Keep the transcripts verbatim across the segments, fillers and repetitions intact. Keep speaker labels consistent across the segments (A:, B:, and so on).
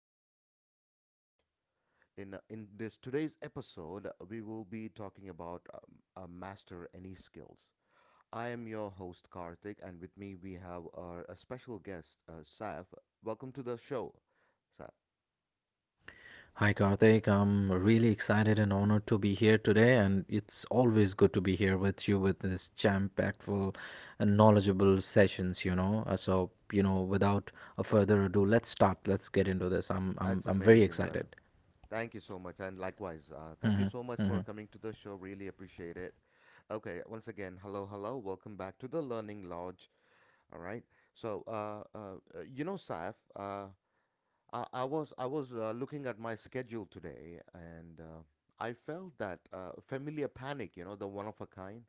A: of Learning Lounge. In uh, in this today's episode, uh, we will be talking about um, uh, master any skills. I am your host Karthik, and with me we have our a special guest, uh, Saf. Welcome to the show, Saf.
B: Hi Karthik, I'm really excited and honored to be here today, and it's always good to be here with you with this jam-packed and knowledgeable sessions, you know. Uh, So, you know, without a further ado, let's start. Let's get into this. I'm I'm
A: That's
B: I'm very
A: amazing, brother.
B: excited.
A: Thank you so much, and likewise, uh, thank you
B: hmm
A: so much for
B: hmm
A: coming to the show. Really appreciate it. Okay, once again, hello, hello. Welcome back to the Learning Lounge. All right. So, uh, uh, uh, you know, Saif, uh, I, I was I was uh, looking at my schedule today, and uh, I felt that uh, familiar panic. You know, the one of a kind,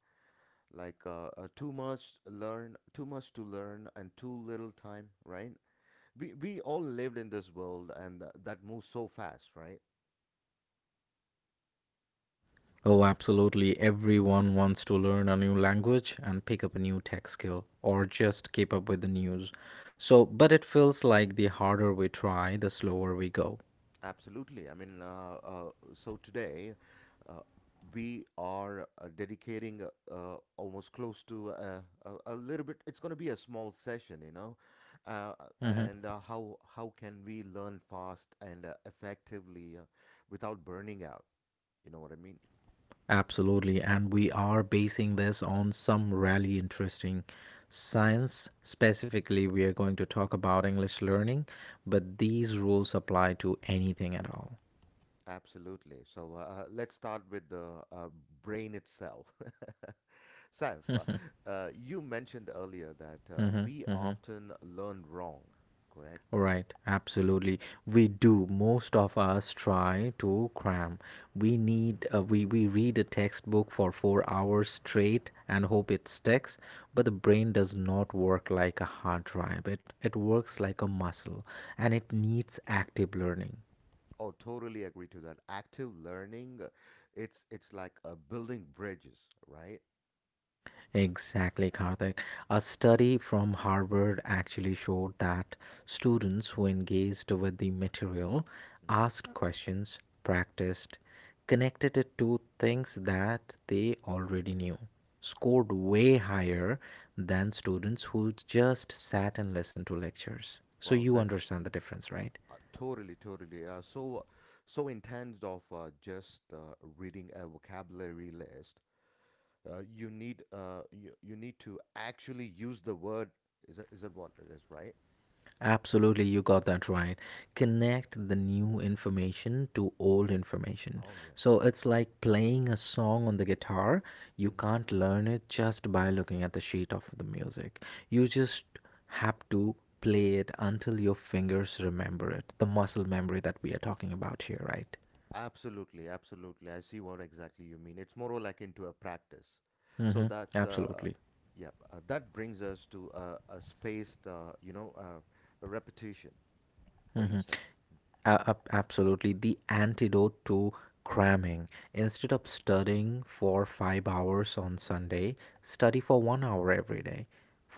A: like uh, uh, too much learn, too much to learn, and too little time, right? We we all lived in this world, and th- that moves so fast, right?
B: Oh, absolutely. Everyone wants to learn a new language and pick up a new tech skill or just keep up with the news. So, but it feels like the harder we try, the slower we go.
A: Absolutely. I mean, uh, uh, so today uh, we are uh, dedicating uh, uh, almost close to uh, a, a little bit. It's going to be a small session, you know, uh,
B: Mm-hmm.
A: and uh, how how can we learn fast and uh, effectively uh, without burning out? You know what I mean?
B: Absolutely, and we are basing this on some really interesting
A: Of course.
B: science. Specifically, we are going to talk about English learning, but these rules apply to anything at all.
A: Absolutely. So uh, uh, let's start with the uh, brain itself. Saif, uh, uh, you mentioned earlier that uh,
B: Mhm,
A: we
B: mhm, mhm.
A: often learn wrong, correct?
B: Right, absolutely. We do. Most of us try to cram. We
A: Hmm.
B: need uh, we we read a textbook for four hours straight and hope it sticks, but the brain does not work like a hard drive. It it works like a muscle and it needs active learning.
A: Oh, totally agree to that. Active learning, uh, it's it's like uh, building bridges, right?
B: Exactly, Karthik. A study from Harvard actually showed that students who engaged with the material,
A: Hmm.
B: asked questions, practiced, connected it to things that they already knew, scored way higher than
A: Hmm.
B: students who just sat and listened to lectures. So
A: Wow,
B: you
A: that's
B: understand the difference, right?
A: uh, totally, totally. Uh, so so intense of uh, just uh, reading a vocabulary list. Uh, you need uh you, you need to actually use the word. Is that is that what it is, right?
B: Absolutely, you got that right. Connect the new information to old information.
A: Oh, yes.
B: So it's like playing a song on the guitar. You
A: Hmm.
B: can't learn it just by looking at the sheet of the music. You just have to play it until your fingers remember it. The muscle memory that we are talking about here, right?
A: Absolutely, absolutely, I see what exactly you mean. It's more like into a practice, so
B: Mm-hmm.
A: that's uh
B: Absolutely.
A: yeah, uh, that brings us to a a spaced, uh, you know uh, a repetition. What do you
B: Mm-hmm.
A: say?
B: A- ab- absolutely the antidote to cramming. Instead of studying for five hours on
A: Hmm.
B: Sunday, study for one hour every day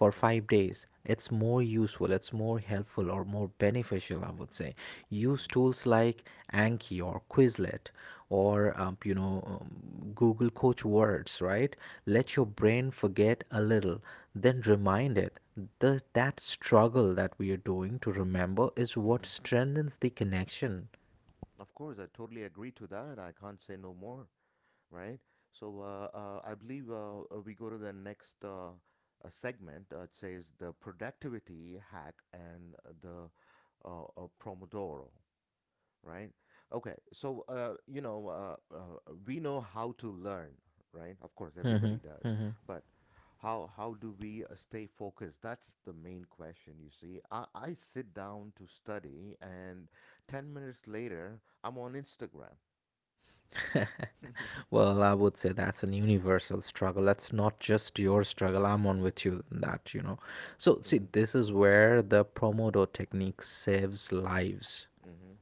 A: Of course.
B: five days. It's more useful, it's more helpful, or more beneficial, I would say. Use
A: Hmm.
B: tools like Anki or Quizlet or, um, you know, um, Google Coach Words, right?
A: Of
B: Let your
A: course. Hmm.
B: brain forget a little, then remind it the that struggle that we are doing to remember is what
A: Hmm.
B: strengthens the connection.
A: Of course, I totally agree to that. I can't say no more, right? So uh, uh, I believe uh, uh, we go to the next uh, uh, segment. Uh, it says the productivity hack and uh, the uh, uh, Pomodoro, right? Okay, so uh, you know uh, uh, we know how to learn, right? Of course,
B: hmm
A: everybody does,
B: hmm
A: but how how do we uh, stay focused? That's the main question. You see, I, I sit down to study, and ten minutes later, I'm on Instagram.
B: Well, I would say that's an universal struggle. That's not just your struggle. I'm on with you in that, you know. So, see,
A: Hmm.
B: this is where the Pomodoro technique saves lives.
A: Hmm.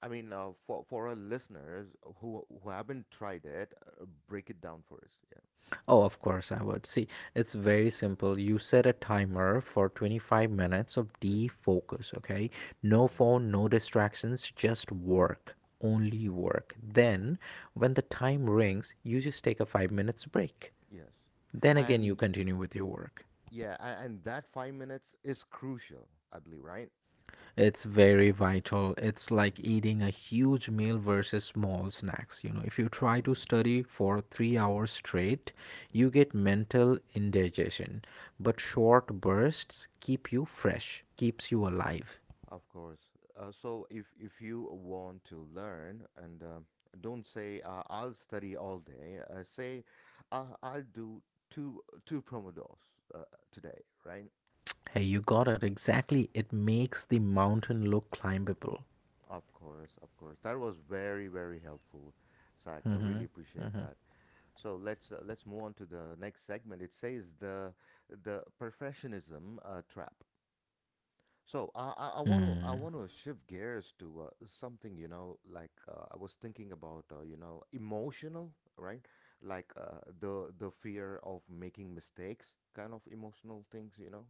A: I mean, uh, for for our listeners who who haven't tried it, uh, break it down for us. Yeah.
B: Oh, of course I would. See, it's very simple. You set a timer for twenty-five minutes of
A: Mm-hmm.
B: defocus, okay? No
A: Right.
B: phone, no distractions, just work. Only work. Then, when the time rings, you just take a five minutes break.
A: Yes.
B: Then again, you
A: And
B: continue with your work.
A: yeah, and, and that five minutes is crucial, I believe. Right.
B: It's very vital. It's like
A: Mm-hmm.
B: eating a huge meal versus small snacks. You know, if you try to
A: Mm-hmm.
B: study for three hours straight, you
A: Mm-hmm.
B: get mental indigestion. But short bursts keep you fresh, keeps you alive.
A: Of course. Uh, so if if you want to learn and um don't say, uh, I'll study all day. Uh, say, uh, I'll do two two pomodoros uh, today, right?
B: Hey, you got it exactly. It makes the mountain look climbable.
A: Of course, of course. That was very, very helpful, Zach. I
B: Mm-hmm.
A: really appreciate that. So let's uh, let's move on to the next segment. It says the the perfectionism uh, trap. So I I I want to I
B: Mm.
A: want to shift gears to uh, something, you know like uh, I was thinking about, uh, you know emotional, right, like uh, the the fear of making mistakes, kind of emotional things you know.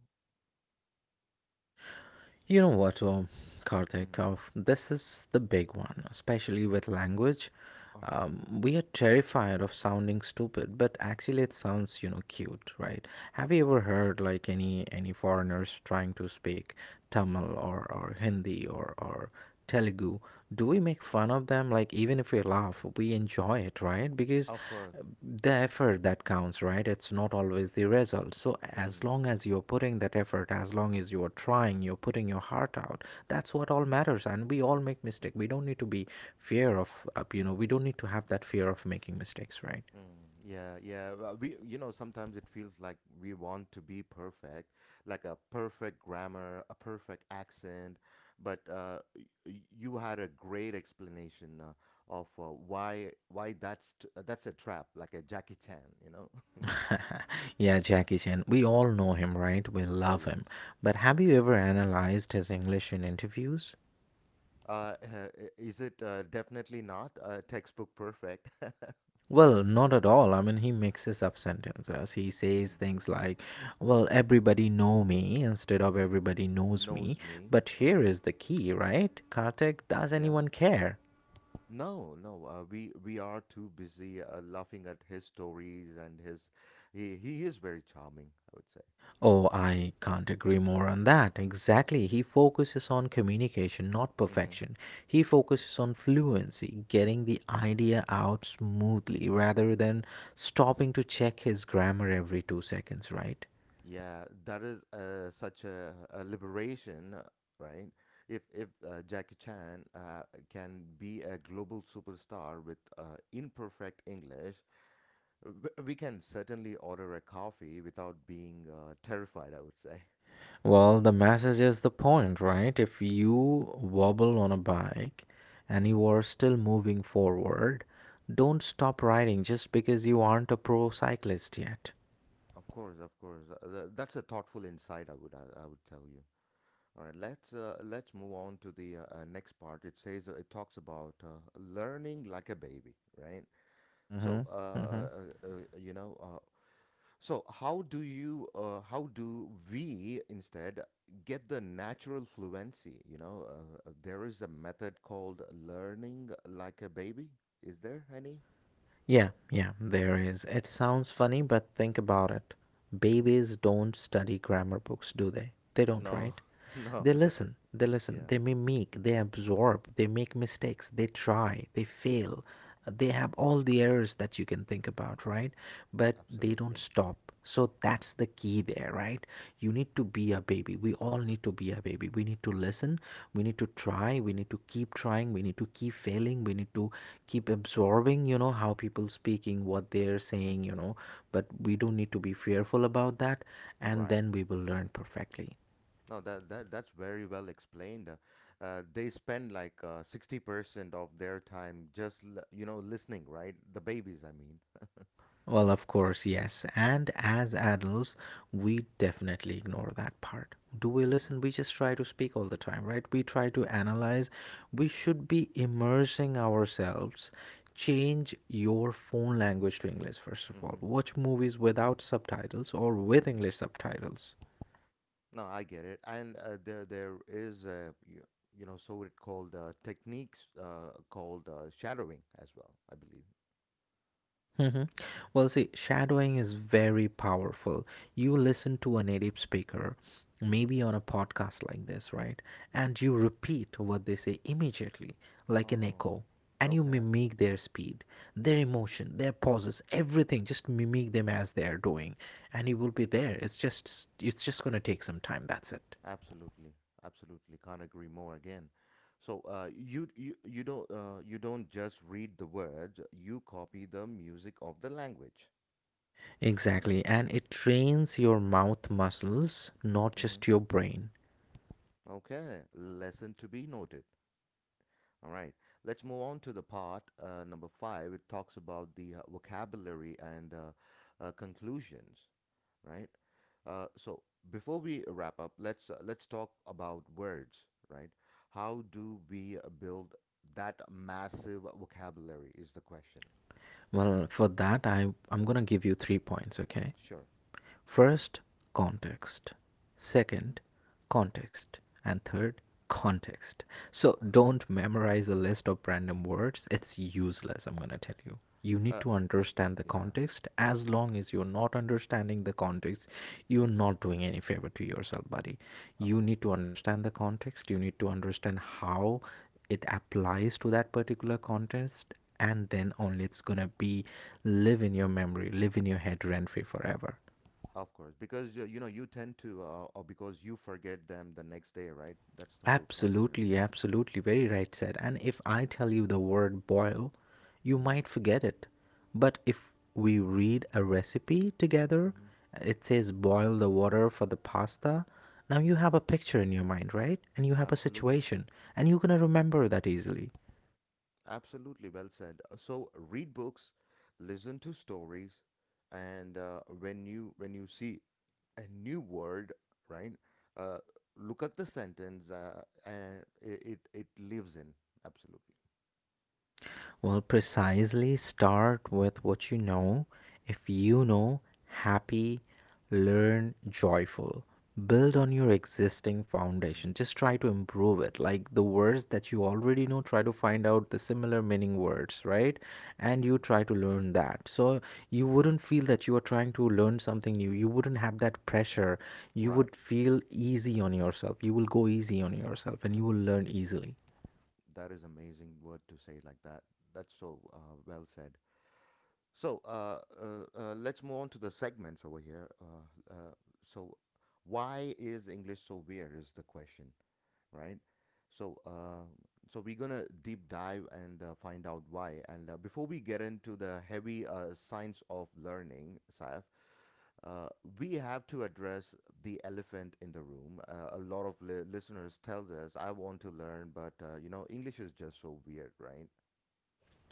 B: You know what, Om? Karthik,
A: Mm-hmm.
B: oh, this is the big one, especially with language.
A: Uh huh.
B: Um, we are terrified of sounding stupid, but actually it sounds, you know, cute, right? Have
A: Of
B: you
A: course.
B: ever heard like any any foreigners trying to speak Tamil or, or Hindi or, or Telugu? Do we make fun of them? Like even if we laugh, we enjoy it, right? Because
A: Of course.
B: uh, the effort that counts, right? It's not always the result. So as
A: Mm-hmm.
B: long as you're putting that effort, as long as you're trying, you're putting your heart out, that's what all matters and we all make mistakes. We don't need to be fear of, uh, you know we don't need to have that fear of making mistakes, right?
A: Mm, yeah, yeah. Well, we, you know, sometimes it feels like we want to be perfect, like a perfect grammar, a perfect accent. But uh, y- y- you had a great explanation uh, of uh, why why that's t- uh, that's a trap, like a Jackie Chan. You know?
B: Yeah, Jackie Chan, we all know him, right? We
A: Oh,
B: love
A: yes.
B: him, but have you ever analyzed his English in interviews?
A: Uh, uh, is it uh, definitely not uh, textbook perfect?
B: Well, not at all. I mean, he mixes up sentences. He says
A: Hmm.
B: things like, "Well, everybody know me" instead of "everybody knows me."
A: Knows me.
B: But
A: Hmm.
B: here is the key, right? Karthik, does
A: Yeah.
B: anyone care?
A: No, no, uh, we we are too busy uh, laughing at his stories and his. He, he is very charming, I would say.
B: Oh, I can't agree more on that. Exactly. He focuses on communication, not
A: Hmm.
B: perfection. He focuses on fluency, getting the idea out smoothly rather than stopping to check his grammar every two seconds, right?
A: Yeah, that is uh, such a, a liberation, uh, right? If if uh, Jackie Chan uh, can be a global superstar with uh, imperfect English, w- we can certainly order a coffee without being uh, terrified, I would say.
B: Well, the message is the point, right? If you wobble on a bike and
A: Hmm.
B: you are still moving forward, don't stop riding just because you aren't a pro cyclist yet.
A: Of course, of course. Uh, th- that's a thoughtful insight, I would I, I would tell you. All right, let's uh, let's move on to the uh, uh, next part. It says uh, it talks about uh, learning like a baby, right?
B: Mm-hmm.
A: So, uh,
B: Mm-hmm.
A: uh, uh, uh, you know, uh, so how do you, uh, how do we instead get the natural fluency? You know, uh, uh, there is a method called learning like a baby. Is there any?
B: Yeah, yeah, there is. It sounds funny, but think about it.
A: Mm-hmm.
B: Babies don't study grammar books, do they? They don't,
A: No,
B: right?
A: no,
B: They listen,
A: definitely.
B: they listen,
A: Yeah,
B: they mimic, they absorb, they make mistakes, they try, they fail, they have all the errors that you can think about, right? But they don't
A: absolutely.
B: stop. So that's the key there, right? You need to be a baby, we all need to be a baby, we need to listen, we need to try, we need to keep trying, we need to keep failing, we need to keep absorbing, you know, how people speaking what they're saying,
A: Mm-hmm.
B: you know. But we don't need to be fearful about that, and
A: Right.
B: then we will learn perfectly.
A: No, that, that that's very well explained. Uh, uh, they spend like uh, sixty percent of their time just l- you know listening, right? The babies, I mean.
B: Well, of course, yes. And as adults, we definitely ignore that part. Do we listen?
A: Mm-hmm.
B: We just try to speak all the time, right? We try to analyze. We should be immersing ourselves. Change your phone language to English, first of all.
A: Mm-hmm.
B: Watch movies without subtitles or with
A: Mm-hmm.
B: English subtitles.
A: No, I get it. And uh, there there is a you, you know so it called uh, techniques uh, called uh, shadowing as well, I believe.
B: hmm Well, see, shadowing is very powerful. You listen to a native speaker,
A: Mm-hmm.
B: maybe on a podcast like this, right? And you repeat what they say immediately, like an
A: Oh,
B: echo, and you
A: okay.
B: mimic their speed, their emotion, their pauses, everything. Just mimic them as they are doing, and you will be there. It's just, it's just gonna take some time. That's it.
A: Absolutely, absolutely. Can't agree more again. So uh, you you you don't uh, you don't just read the words. You copy the music of the language, right?
B: Exactly, and it trains your mouth muscles, not
A: Mm-hmm.
B: just your brain.
A: Okay. Lesson to be noted. All right. Let's move on to the part uh, number five. It talks about the uh, vocabulary and uh, uh, conclusions, right? Uh, so before we wrap up, let's uh, let's talk about words, right? How do we uh, build that massive vocabulary? Is the question.
B: Well, for that, I I'm gonna give you three points, okay?
A: Sure.
B: First, context.
A: Hmm.
B: Second, context. And third, context. So don't memorize a list of random words. It's useless, I'm going to tell you. You need
A: Uh,
B: to
A: y-
B: understand the
A: yeah,
B: context. As long as you're not understanding the context, you're not doing any favor to yourself, buddy.
A: of
B: You
A: course,
B: need to understand the context. You need to understand how it applies to that particular context and then only it's gonna be live in your memory, live in your head rent free forever.
A: of course, because uh, you know you tend to, uh, or because you forget them the next day, right? That's the whole point. Yeah.
B: Absolutely, absolutely. Very right said. And if I tell you the word boil, you
A: Hmm.
B: might forget it. But if we read a recipe together,
A: Hmm.
B: it says boil the water for the pasta. Now you
A: Hmm.
B: have a picture in your mind, right? And you have a
A: Absolutely,
B: situation, and you're going to remember that easily.
A: absolutely. Well said. Uh, So read books, listen to stories, and uh, when you when you see a new word, right? Uh, Look at the sentence uh, and it, it, it lives in. Absolutely.
B: Well, precisely start with what you know. If you know happy, learn joyful. Build on your existing
A: Hmm.
B: foundation. Just try to improve it. Like the words that you already know, try to find out the similar meaning words, right? And you try to learn that. So you wouldn't feel that you are trying to learn something new. You wouldn't have that pressure. You
A: Right.
B: would feel easy on yourself. You will go easy on yourself and you will learn easily.
A: That is amazing word to say like that. That's so uh, well said. So uh, uh, uh, let's move on to the segments over here. Uh, uh, so why is English so weird is the question, right? So uh, so we're gonna deep dive and uh, find out why. And uh, before we get into the heavy uh, science of learning, Saif, Uh, we have to address the elephant in the room. Uh, a lot of li- listeners tell us, "I want to learn, but uh, you know, English is just so weird, right?"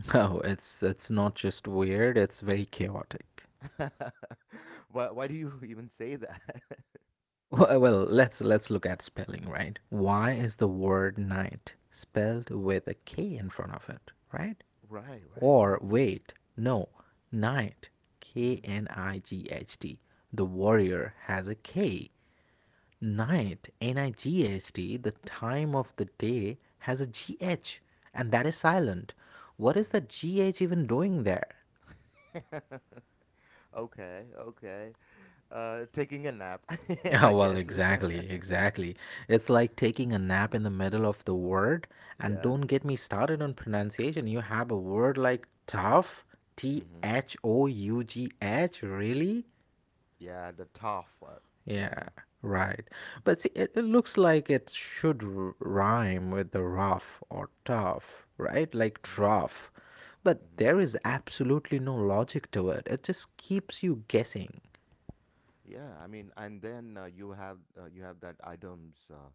B: Oh, it's it's not just weird, it's very chaotic.
A: why, why do you even say that?
B: Well, well, let's let's look at spelling, right? Why
A: Right,
B: is the word night spelled with a K in front of it, right?
A: right, right. I mean,
B: Or
A: yeah.
B: wait, no, night, K
A: Hmm.
B: N I G H T. The warrior has a K. Night, N I G H T, the time of the day has a G H, and that is silent. What is
A: Hmm.
B: that G H even doing there?
A: Hmm. Okay, okay. Uh, taking a nap,
B: Yeah,
A: I
B: well,
A: guess.
B: exactly, exactly. It's like taking a nap in the middle of the word. And
A: Yeah.
B: don't get me started on pronunciation. You have a word like tough, T
A: Hmm.
B: H O U G H, really?
A: Yeah, the tough one.
B: Yeah,
A: Yeah.
B: right. But see, it, it looks like it should r- rhyme with the rough or tough, right? Like
A: Hmm.
B: trough. But there is absolutely no logic to it. It just keeps you guessing.
A: Yeah, I mean, and then uh, you have uh, you have that Adams, uh,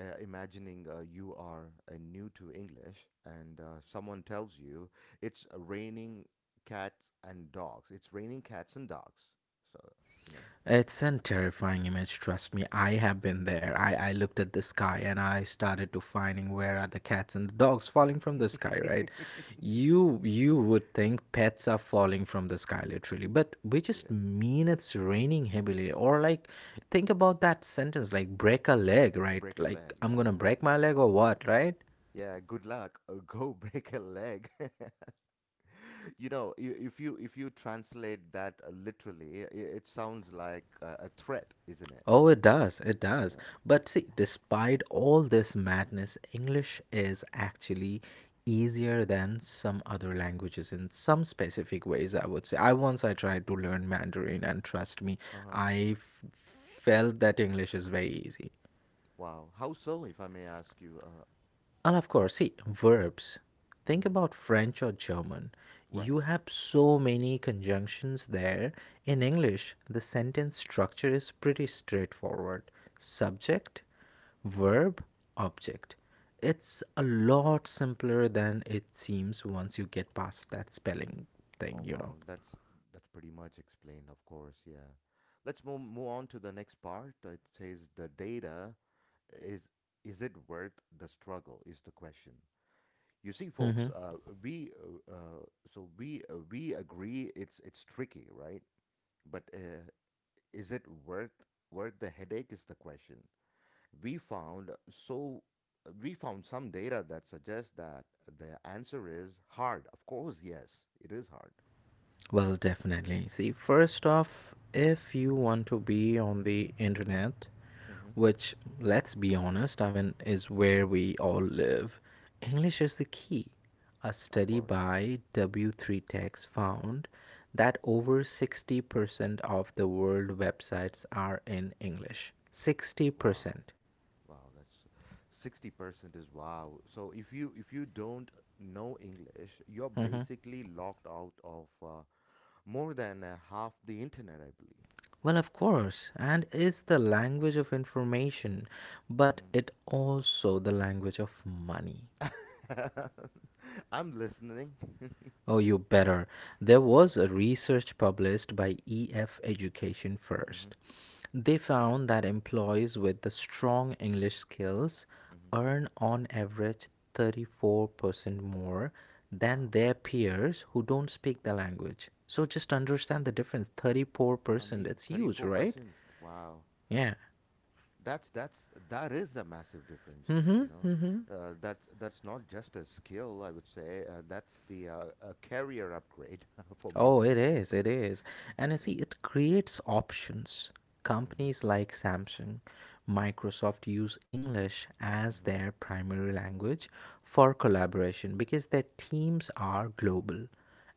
A: uh, imagining uh, you are uh, new to English, and uh, someone tells you it's raining cats and dogs. It's raining cats and dogs. So you know,
B: It's a terrifying image, trust me. I have been there. I, I looked at the sky and I started to finding where are the cats and the dogs falling from the sky, right? You you would think pets are falling from the sky literally, but we just
A: yeah,
B: mean it's raining heavily. Or like think about that sentence like break a leg, right?
A: break a leg.
B: Like I'm gonna
A: Yeah,
B: break my leg or what, right?
A: yeah. Good luck. Uh, go break a leg. you know, i- if you if you translate that uh, literally, i- it sounds like uh, a threat, isn't it?
B: Oh, it does. It does.
A: Yeah.
B: But see, despite all this madness, English is actually easier than some
A: Mm-hmm.
B: other languages in some specific ways, I would say. I once I tried to learn Mandarin and trust me,
A: Uh huh.
B: I f- felt that English is very easy.
A: Wow. How so, if I may ask you? Uh,
B: And of course, see, verbs. Think
A: hmm.
B: about French or German.
A: Right.
B: You have so many conjunctions there. In English, the sentence structure is pretty straightforward: subject,
A: Hmm.
B: verb, object. It's a lot simpler than it seems once you get past that spelling thing,
A: Oh,
B: you
A: wow,
B: know.
A: that's that's pretty much explained, of course. Yeah. Let's move move on to the next part. Uh, It says the data is is it worth the struggle? Is the question. You see, folks,
B: hmm
A: uh, we uh, uh, so we uh, we agree it's it's tricky, right? But uh, is it worth worth the headache? Is the question. we found so we found some data that suggests that the answer is hard. Of course, yes, it is hard.
B: Well, definitely. See, first off, if you want to be on the internet,
A: Mm-hmm.
B: which, let's be honest, I mean, is
A: Mm-hmm.
B: where we all live, English is the key. A
A: Of
B: study
A: course.
B: by W three Techs found that over sixty percent of the world websites are in English.
A: Wow.
B: sixty percent.
A: Wow, that's sixty percent is wow. So if you if you don't know English, you're
B: Mhm.
A: basically locked out of uh, more than uh, half the internet, I
B: Well, of course, and is the language of information, but
A: believe.
B: it also the language of money.
A: Mm-hmm. I'm listening.
B: Oh, you better. There
A: Mm-hmm.
B: was a research published by E F Education
A: Mm-hmm.
B: First. They found that employees with the strong English skills
A: Mm-hmm.
B: earn on average thirty-four percent more than
A: Wow.
B: their peers who don't speak the language. So just understand the difference
A: I
B: thirty-four percent.
A: mean,
B: It's huge, right?
A: thirty-four percent. Wow.
B: Yeah.
A: that's that's that is a massive difference, you
B: Mhm.
A: know,
B: Mhm.
A: uh, that that's not just a skill, I would say, uh, that's the uh, a career upgrade for me.
B: Oh, it is, it is. And I
A: Yeah.
B: see it creates options.
A: Hmm.
B: Companies like Samsung, Microsoft use English as
A: Hmm.
B: their primary language for collaboration because their teams are global.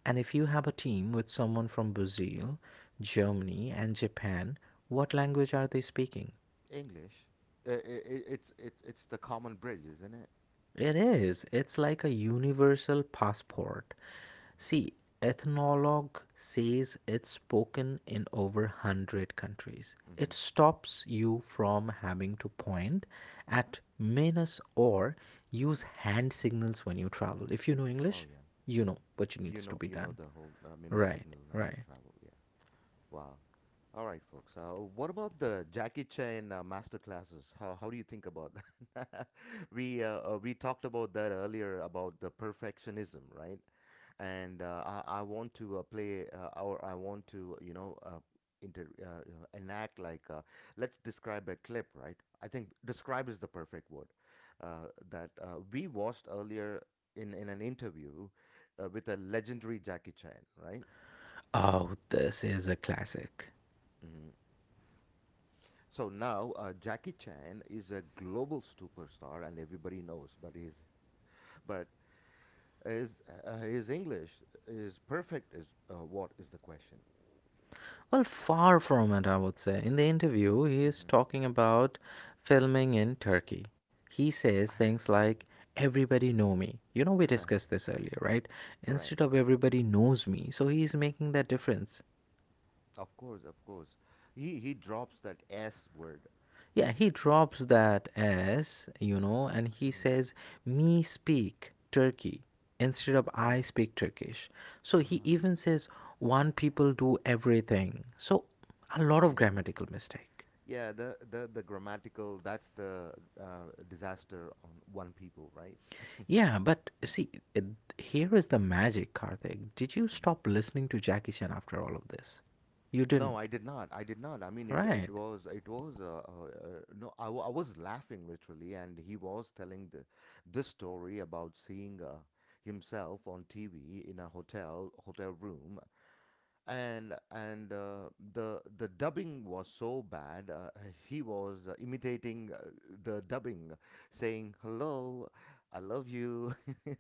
B: And if you have a team with someone from Brazil, Germany, and Japan, what language are they speaking?
A: English, uh, I I it's it's it's the common bridge, isn't it?
B: It is. It's like a universal passport. See, ethnologue says it's spoken in over one hundred countries. It
A: Hmm.
B: stops you from having to point at minus or use hand signals when you travel. If you know
A: Oh,
B: English,
A: yeah.
B: you know what
A: You
B: needs to
A: know,
B: be
A: you know
B: done.
A: the whole uh, minus
B: Right,
A: signal and the
B: right.
A: travel. Yeah. Wow. All right, folks. Uh, what about the Jackie Chan uh, master classes? How, how do you think about that? we uh, uh, we talked about that earlier about the perfectionism, right? And uh, I, I want to uh, play uh, or I want to you know uh, inter uh, you know, enact like uh, let's describe a clip, right? I think describe is the perfect word uh, that uh, we watched earlier in in an interview uh, with a legendary Jackie Chan, right?
B: Oh, this is a classic.
A: Mm-hmm. So now uh, Jackie Chan is a global superstar and everybody knows, but his but his uh, his English is perfect. Is uh, what is the question?
B: Well, far from it, I would say. In the interview, he is talking about filming in Turkey. He says things like, Everybody know me. You know, we
A: Hmm.
B: discussed this earlier, right?
A: Right.
B: Instead of everybody knows me, so he's making that difference.
A: Of course, of course. He he drops that S word.
B: Yeah, he
A: Right.
B: drops that S, you know, and he
A: Hmm.
B: says, Me speak Turkey instead of I
A: Huh.
B: speak Turkish. So he
A: Ah.
B: even says, One people do everything. So a lot of
A: Yeah.
B: grammatical mistake.
A: Yeah. The the the grammatical. That's the uh, disaster on one people. Right. Yeah.
B: Yeah, but see, it, here is the magic, Karthik. Did you
A: Mm-hmm.
B: stop listening to Jackie Chan after all of this? You
A: No,
B: didn't,
A: I did not. I did not. I mean, it it
B: right?
A: was it was uh, uh, uh, no. I, wa- I was laughing literally, and he was telling the this story about seeing uh, himself on T V in a hotel hotel room, and and uh, the the dubbing was so bad. Uh, he was uh, imitating uh, the dubbing, saying "Hello, I love you."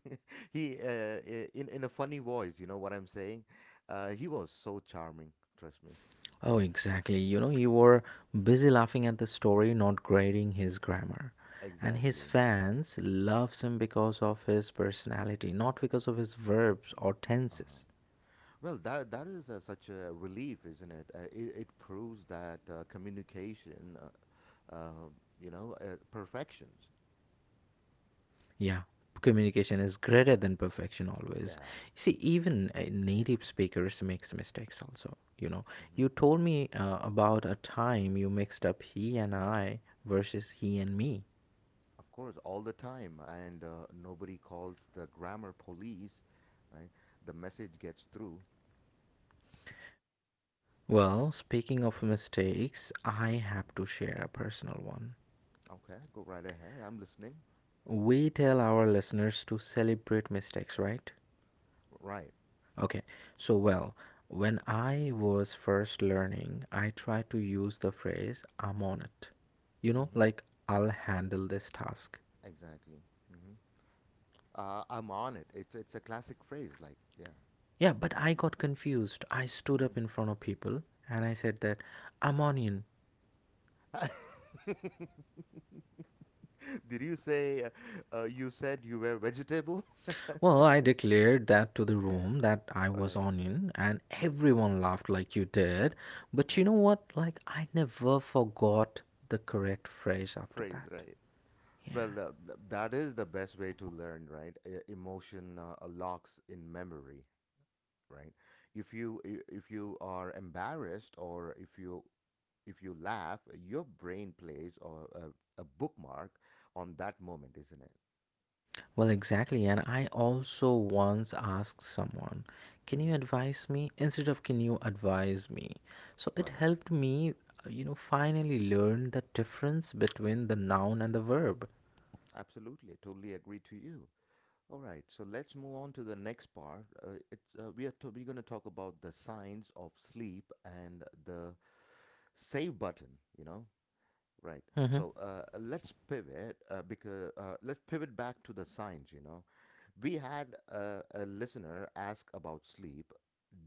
A: he uh, I- in in a funny voice. You know what I'm saying? Uh, he was so charming. Trust me.
B: Oh, exactly. You know, you were busy laughing at the story, not grading his grammar. And his
A: Exactly.
B: fans loves him because of his personality, not because of his verbs or
A: Uh-huh.
B: tenses.
A: Well, that that is uh, such a relief, isn't it? Uh, it, it proves that uh, communication, uh, uh, you know, uh, perfections.
B: Yeah, communication is greater than perfection always.
A: Yeah.
B: See, even uh, native speakers makes mistakes also. You know,
A: Hmm.
B: you told me uh, about a time you mixed up he and I versus he and me.
A: Of course, all the time, and uh, nobody calls the grammar police, right? The message gets through.
B: Well, speaking of mistakes, I
A: Mhm.
B: have to share a personal one.
A: Okay, go right ahead. I'm listening.
B: We tell our listeners to celebrate mistakes, right?
A: Right.
B: Okay, so well, when I was first learning, I tried to use the phrase I'm on it. You know,
A: Mm-hmm.
B: like I'll handle this task.
A: Exactly. Mm-hmm. Uh, I'm on it. It's it's a classic phrase, like yeah.
B: Yeah, but I got confused. I stood up in front of people and I said that I'm onion.
A: Mm-hmm. Did you say uh, uh, you said you were vegetable?
B: Well, I declared that to the room that I was
A: Right.
B: onion and
A: Mm,
B: everyone laughed like you did. But you
A: right.
B: know what? Like I never forgot the correct phrase after
A: Phrase,
B: that.
A: right.
B: Yeah.
A: Well, uh, th- that is the best way to learn, right? E- Emotion uh, uh, locks in memory, right? If you i- if you are embarrassed or if you if you laugh, your brain plays or a, a bookmark on that moment, isn't it?
B: Well, exactly. And I also once asked someone, Can you
A: Hmm.
B: advise me? Instead of Can you advise me? So it
A: Right.
B: helped me, uh, you know, finally learn the difference between the noun and the verb.
A: Absolutely. Totally agree to you. All right, so let's move on to the next part. Uh, it's, uh, we are to, We're going to talk about the signs of sleep and the save button. You know, right?
B: Hmm.
A: So uh, let's pivot uh, because uh, let's pivot back to the signs. You know, we had a, a listener ask about sleep.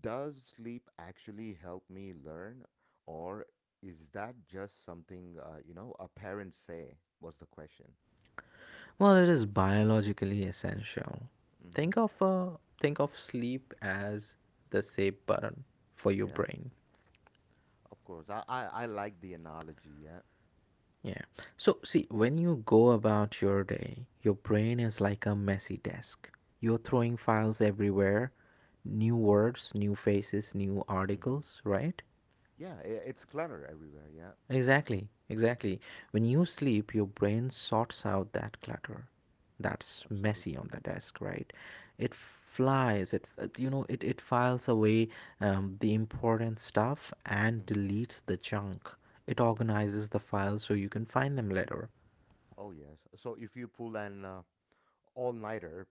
A: Does sleep actually help me learn, or is that just something uh, you know a parent say? Was the question.
B: Well, it is biologically essential.
A: Hmm.
B: Think of, uh, think of sleep as the save button for your
A: Yeah,
B: brain.
A: of course. I, I I like the analogy. Yeah.
B: Yeah. So, see, when you go about your day, your brain is like a messy desk. You're throwing files everywhere, new words, new faces, new
A: Mm-hmm.
B: articles, right?
A: Yeah, i- it's clutter everywhere. Yeah,
B: Exactly, exactly. When you sleep, your brain sorts out that clutter that's messy
A: absolutely.
B: on the desk, right? It flies, it, it- you know, it, it files away um, the important stuff and
A: Mm-hmm.
B: deletes the junk. It organizes the files so you can find them later.
A: Oh, yes. So if you pull an uh, all-nighter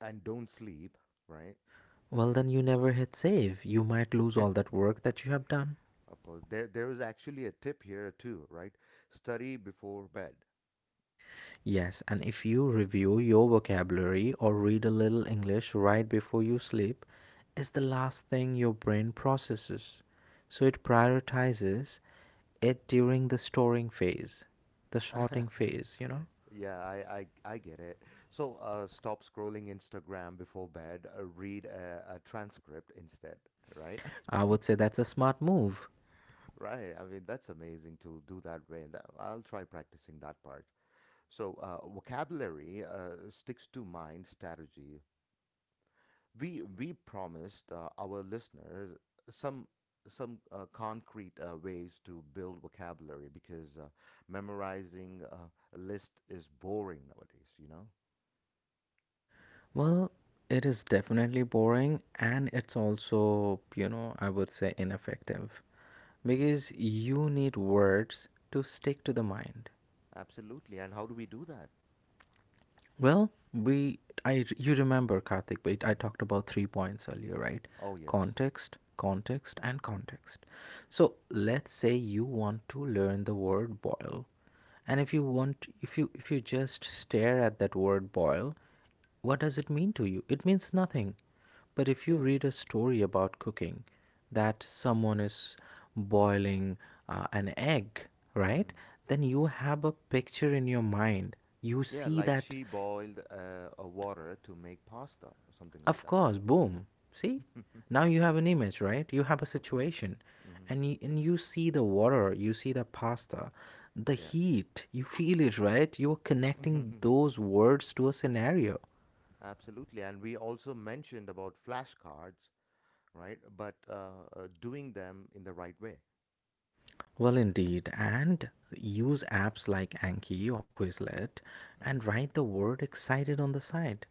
A: and don't sleep, right?
B: Well, then you never hit save. You might lose all that work that you have done.
A: Of course, there there is actually a tip here too, right? Study before bed.
B: Yes, and if you review your vocabulary or read a little English right before you sleep, it's the last thing your brain processes. So it prioritizes it during the storing phase, the
A: Mm-hmm.
B: sorting phase, you know?
A: Yeah, I, I I get it. So, uh, stop scrolling Instagram before bed. Uh, read a, a transcript instead, right?
B: I would say that's a smart move.
A: Right. I mean, that's amazing to do that way. That, I'll try practicing that part. So uh, vocabulary uh, sticks to mind strategy. We we promised uh, our listeners some some uh, concrete uh, ways to build vocabulary because uh, memorizing uh, a list is boring nowadays. You know.
B: Well, it is definitely boring and it's also, you know, I would say ineffective.
A: Hmm.
B: Because you need words to stick to the mind.
A: Absolutely. And how do we do that?
B: Well, we I you remember Karthik, we, I
A: Hmm.
B: talked about three points earlier, right?
A: Oh yes.
B: Context, context, and context. So
A: Yep.
B: let's say you want to learn the word boil, and if you want, if you if you just stare at that word boil, what does it mean to you? It means nothing. But if you
A: Yeah.
B: read a story about cooking, that someone is boiling uh, an egg, right?
A: Hmm.
B: Then you have a picture in your mind. You
A: Yeah.
B: see
A: Like
B: that,
A: she boiled uh, a water to make pasta or something like
B: of
A: that.
B: course, boom. See?
A: Yeah.
B: Now you have an image, right? You have a
A: Of course.
B: situation.
A: Hmm.
B: And you, and you see the water, you see the pasta, the
A: Yeah.
B: heat, you feel it, right? You're connecting
A: Mhm.
B: those words to a scenario.
A: Absolutely. And we also mentioned about flashcards, right? But uh, uh, doing them in the right way.
B: Well, indeed, and use apps like Anki or Quizlet and
A: Hmm.
B: write the word excited on the side.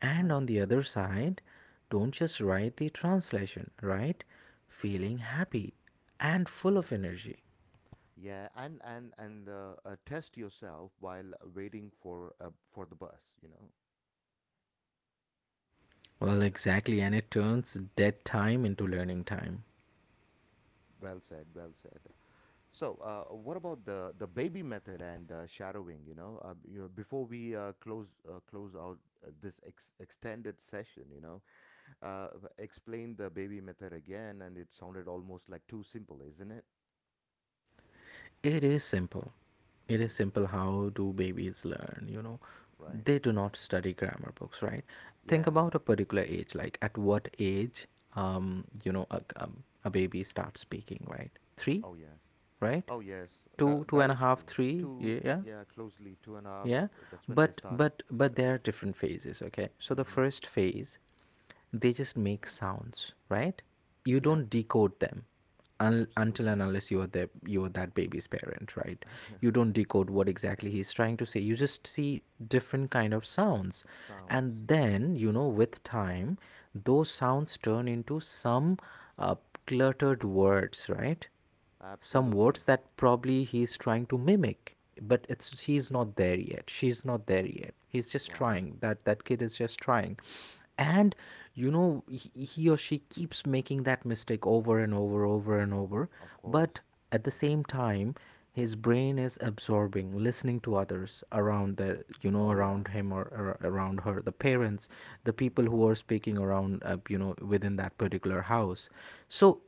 B: And
A: Right.
B: on the other side, don't just write the translation, write feeling happy and full
A: Mhm.
B: of energy.
A: Yeah, and and and uh, uh, test yourself while waiting for uh, for the bus, you know.
B: Well, exactly, and it turns dead time into learning time.
A: Well said, well said. So, uh, what about the the baby method and uh, shadowing, you know? Uh, you know, before we uh, close uh, close out uh, this ex extended session, you know, uh, explain the baby method again, and it sounded almost like too simple, isn't it?
B: It is simple. It
A: Hmm.
B: is simple, how do babies learn, you know?
A: Right.
B: They do not study grammar books, right? Think
A: Yeah.
B: about a particular age, like at what age, um, you know, a, um, a baby starts speaking, right? Three,
A: Oh yes.
B: right?
A: Oh yes.
B: Two,
A: That
B: two
A: that
B: and a
A: is
B: half,
A: true.
B: three,
A: Two.
B: y- yeah,
A: Yeah. Closely two and a half.
B: yeah.
A: uh, That's when they
B: But
A: start.
B: but but there are different phases, okay? So
A: Yeah.
B: the
A: Mm-hmm.
B: first phase, they just make sounds, right? You
A: Yeah.
B: don't decode them un- until and
A: Absolutely.
B: unless you are the you are that baby's parent, right? You don't decode what exactly he's trying to say, you just see different kind of sounds.
A: Sounds.
B: And
A: Yeah.
B: then you know with time those sounds turn into some uh, cluttered words, right? Some words
A: Absolutely.
B: that probably he's trying to mimic, but it's he's not there yet, she's not there yet, he's just
A: Wow.
B: trying, that that kid is just trying. And you know he, he or she keeps making that mistake over and over, over and over.
A: Of course.
B: But at the
A: Hmm.
B: same time, his brain is absorbing, listening to others around the you know
A: Oh
B: around
A: yeah.
B: him, or, or around her, the parents, the
A: Hmm.
B: people who are speaking around uh, you know within that particular house. So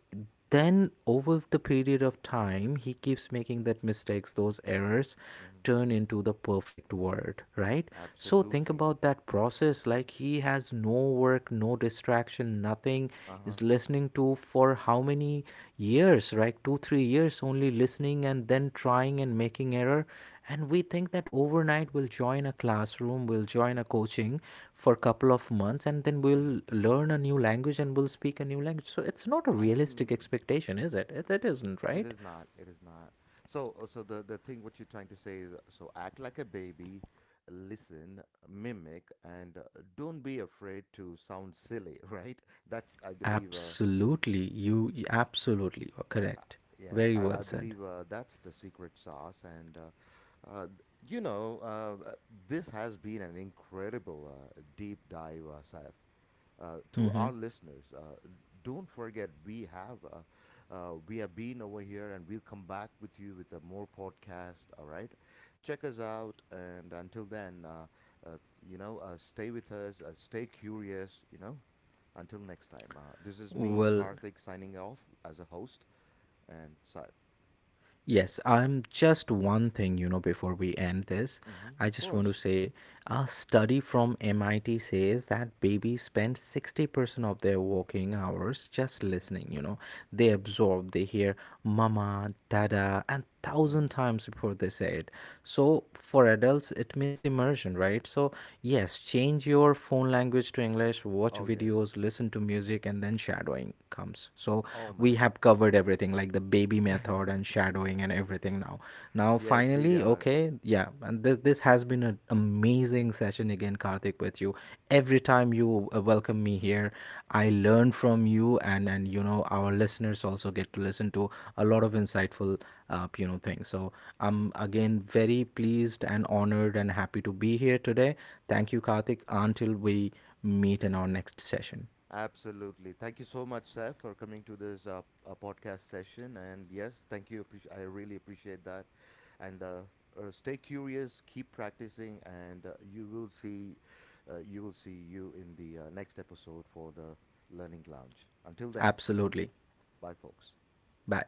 B: then over the period of time, he keeps making that mistakes, those errors
A: Hmm.
B: turn into the perfect word, right? So think
A: Absolutely.
B: about that process, like he has no work, no distraction, nothing.
A: Uh huh.
B: Is listening to for how many years, right? two three years only listening and then trying and making error, and we think that overnight we'll join a classroom, we'll join a coaching for a couple of months and then
A: Hmm.
B: we'll learn a new language and we'll speak a new language. So it's not a realistic
A: Absolutely.
B: expectation, is it? It it isn't,
A: It
B: right?
A: is not. It is not. So, uh, so the the thing what you're trying to say is so act like a baby, listen, mimic, and uh, don't be afraid to sound silly, right? That's I believe. Uh,
B: Absolutely, you you absolutely are correct.
A: yeah,
B: Very well
A: I I
B: said.
A: believe uh, that's the secret sauce, and uh, uh, you know, uh, uh, this has been an incredible uh, deep dive, uh, Saif. Uh, to
B: Hmm.
A: our listeners, uh, don't forget we have uh, uh, we have been over here, and we'll come back with you with a more podcast. All right, check us out, and until then, uh, uh, you know, uh, stay with us, uh, stay curious. You know, until next time. Uh, this is me,
B: Well,
A: Karthik, signing off as a host, and Saif.
B: yes, I'm just one thing, you know, before we end this.
A: Mm-hmm.
B: I
A: Of
B: just want to
A: course.
B: say a study from M I T says that babies spend sixty percent of their waking hours just listening,
A: Mm-hmm.
B: you know. They absorb, they hear mama, dada, and thousand
A: Mm-hmm.
B: times before they say it. So for adults, it means immersion, right? So, yes, change your phone language to English, watch
A: Oh yes.
B: videos, listen to music, and then shadowing comes. So,
A: Oh
B: we
A: man.
B: have covered everything like the baby method and shadowing and everything now now
A: Yes, we
B: finally,
A: are.
B: okay, yeah. And this this has been an amazing session again, Karthik, with you. Every time you uh, welcome me here, I learn from you, and and you know our listeners also get to listen to a lot of insightful uh, you know things. So I'm again very pleased and honored and happy to be here today. Thank you, Karthik, until we meet in our next session.
A: Absolutely. Thank you so much, Seth, for coming to this uh, uh, podcast session. And yes, thank you. Appreci- I really appreciate that. And uh, uh, stay curious, keep practicing, and uh, you will see, uh, you will see you in the uh, next episode for the Learning Lounge. Until then,
B: Absolutely.
A: bye, folks.
B: Bye.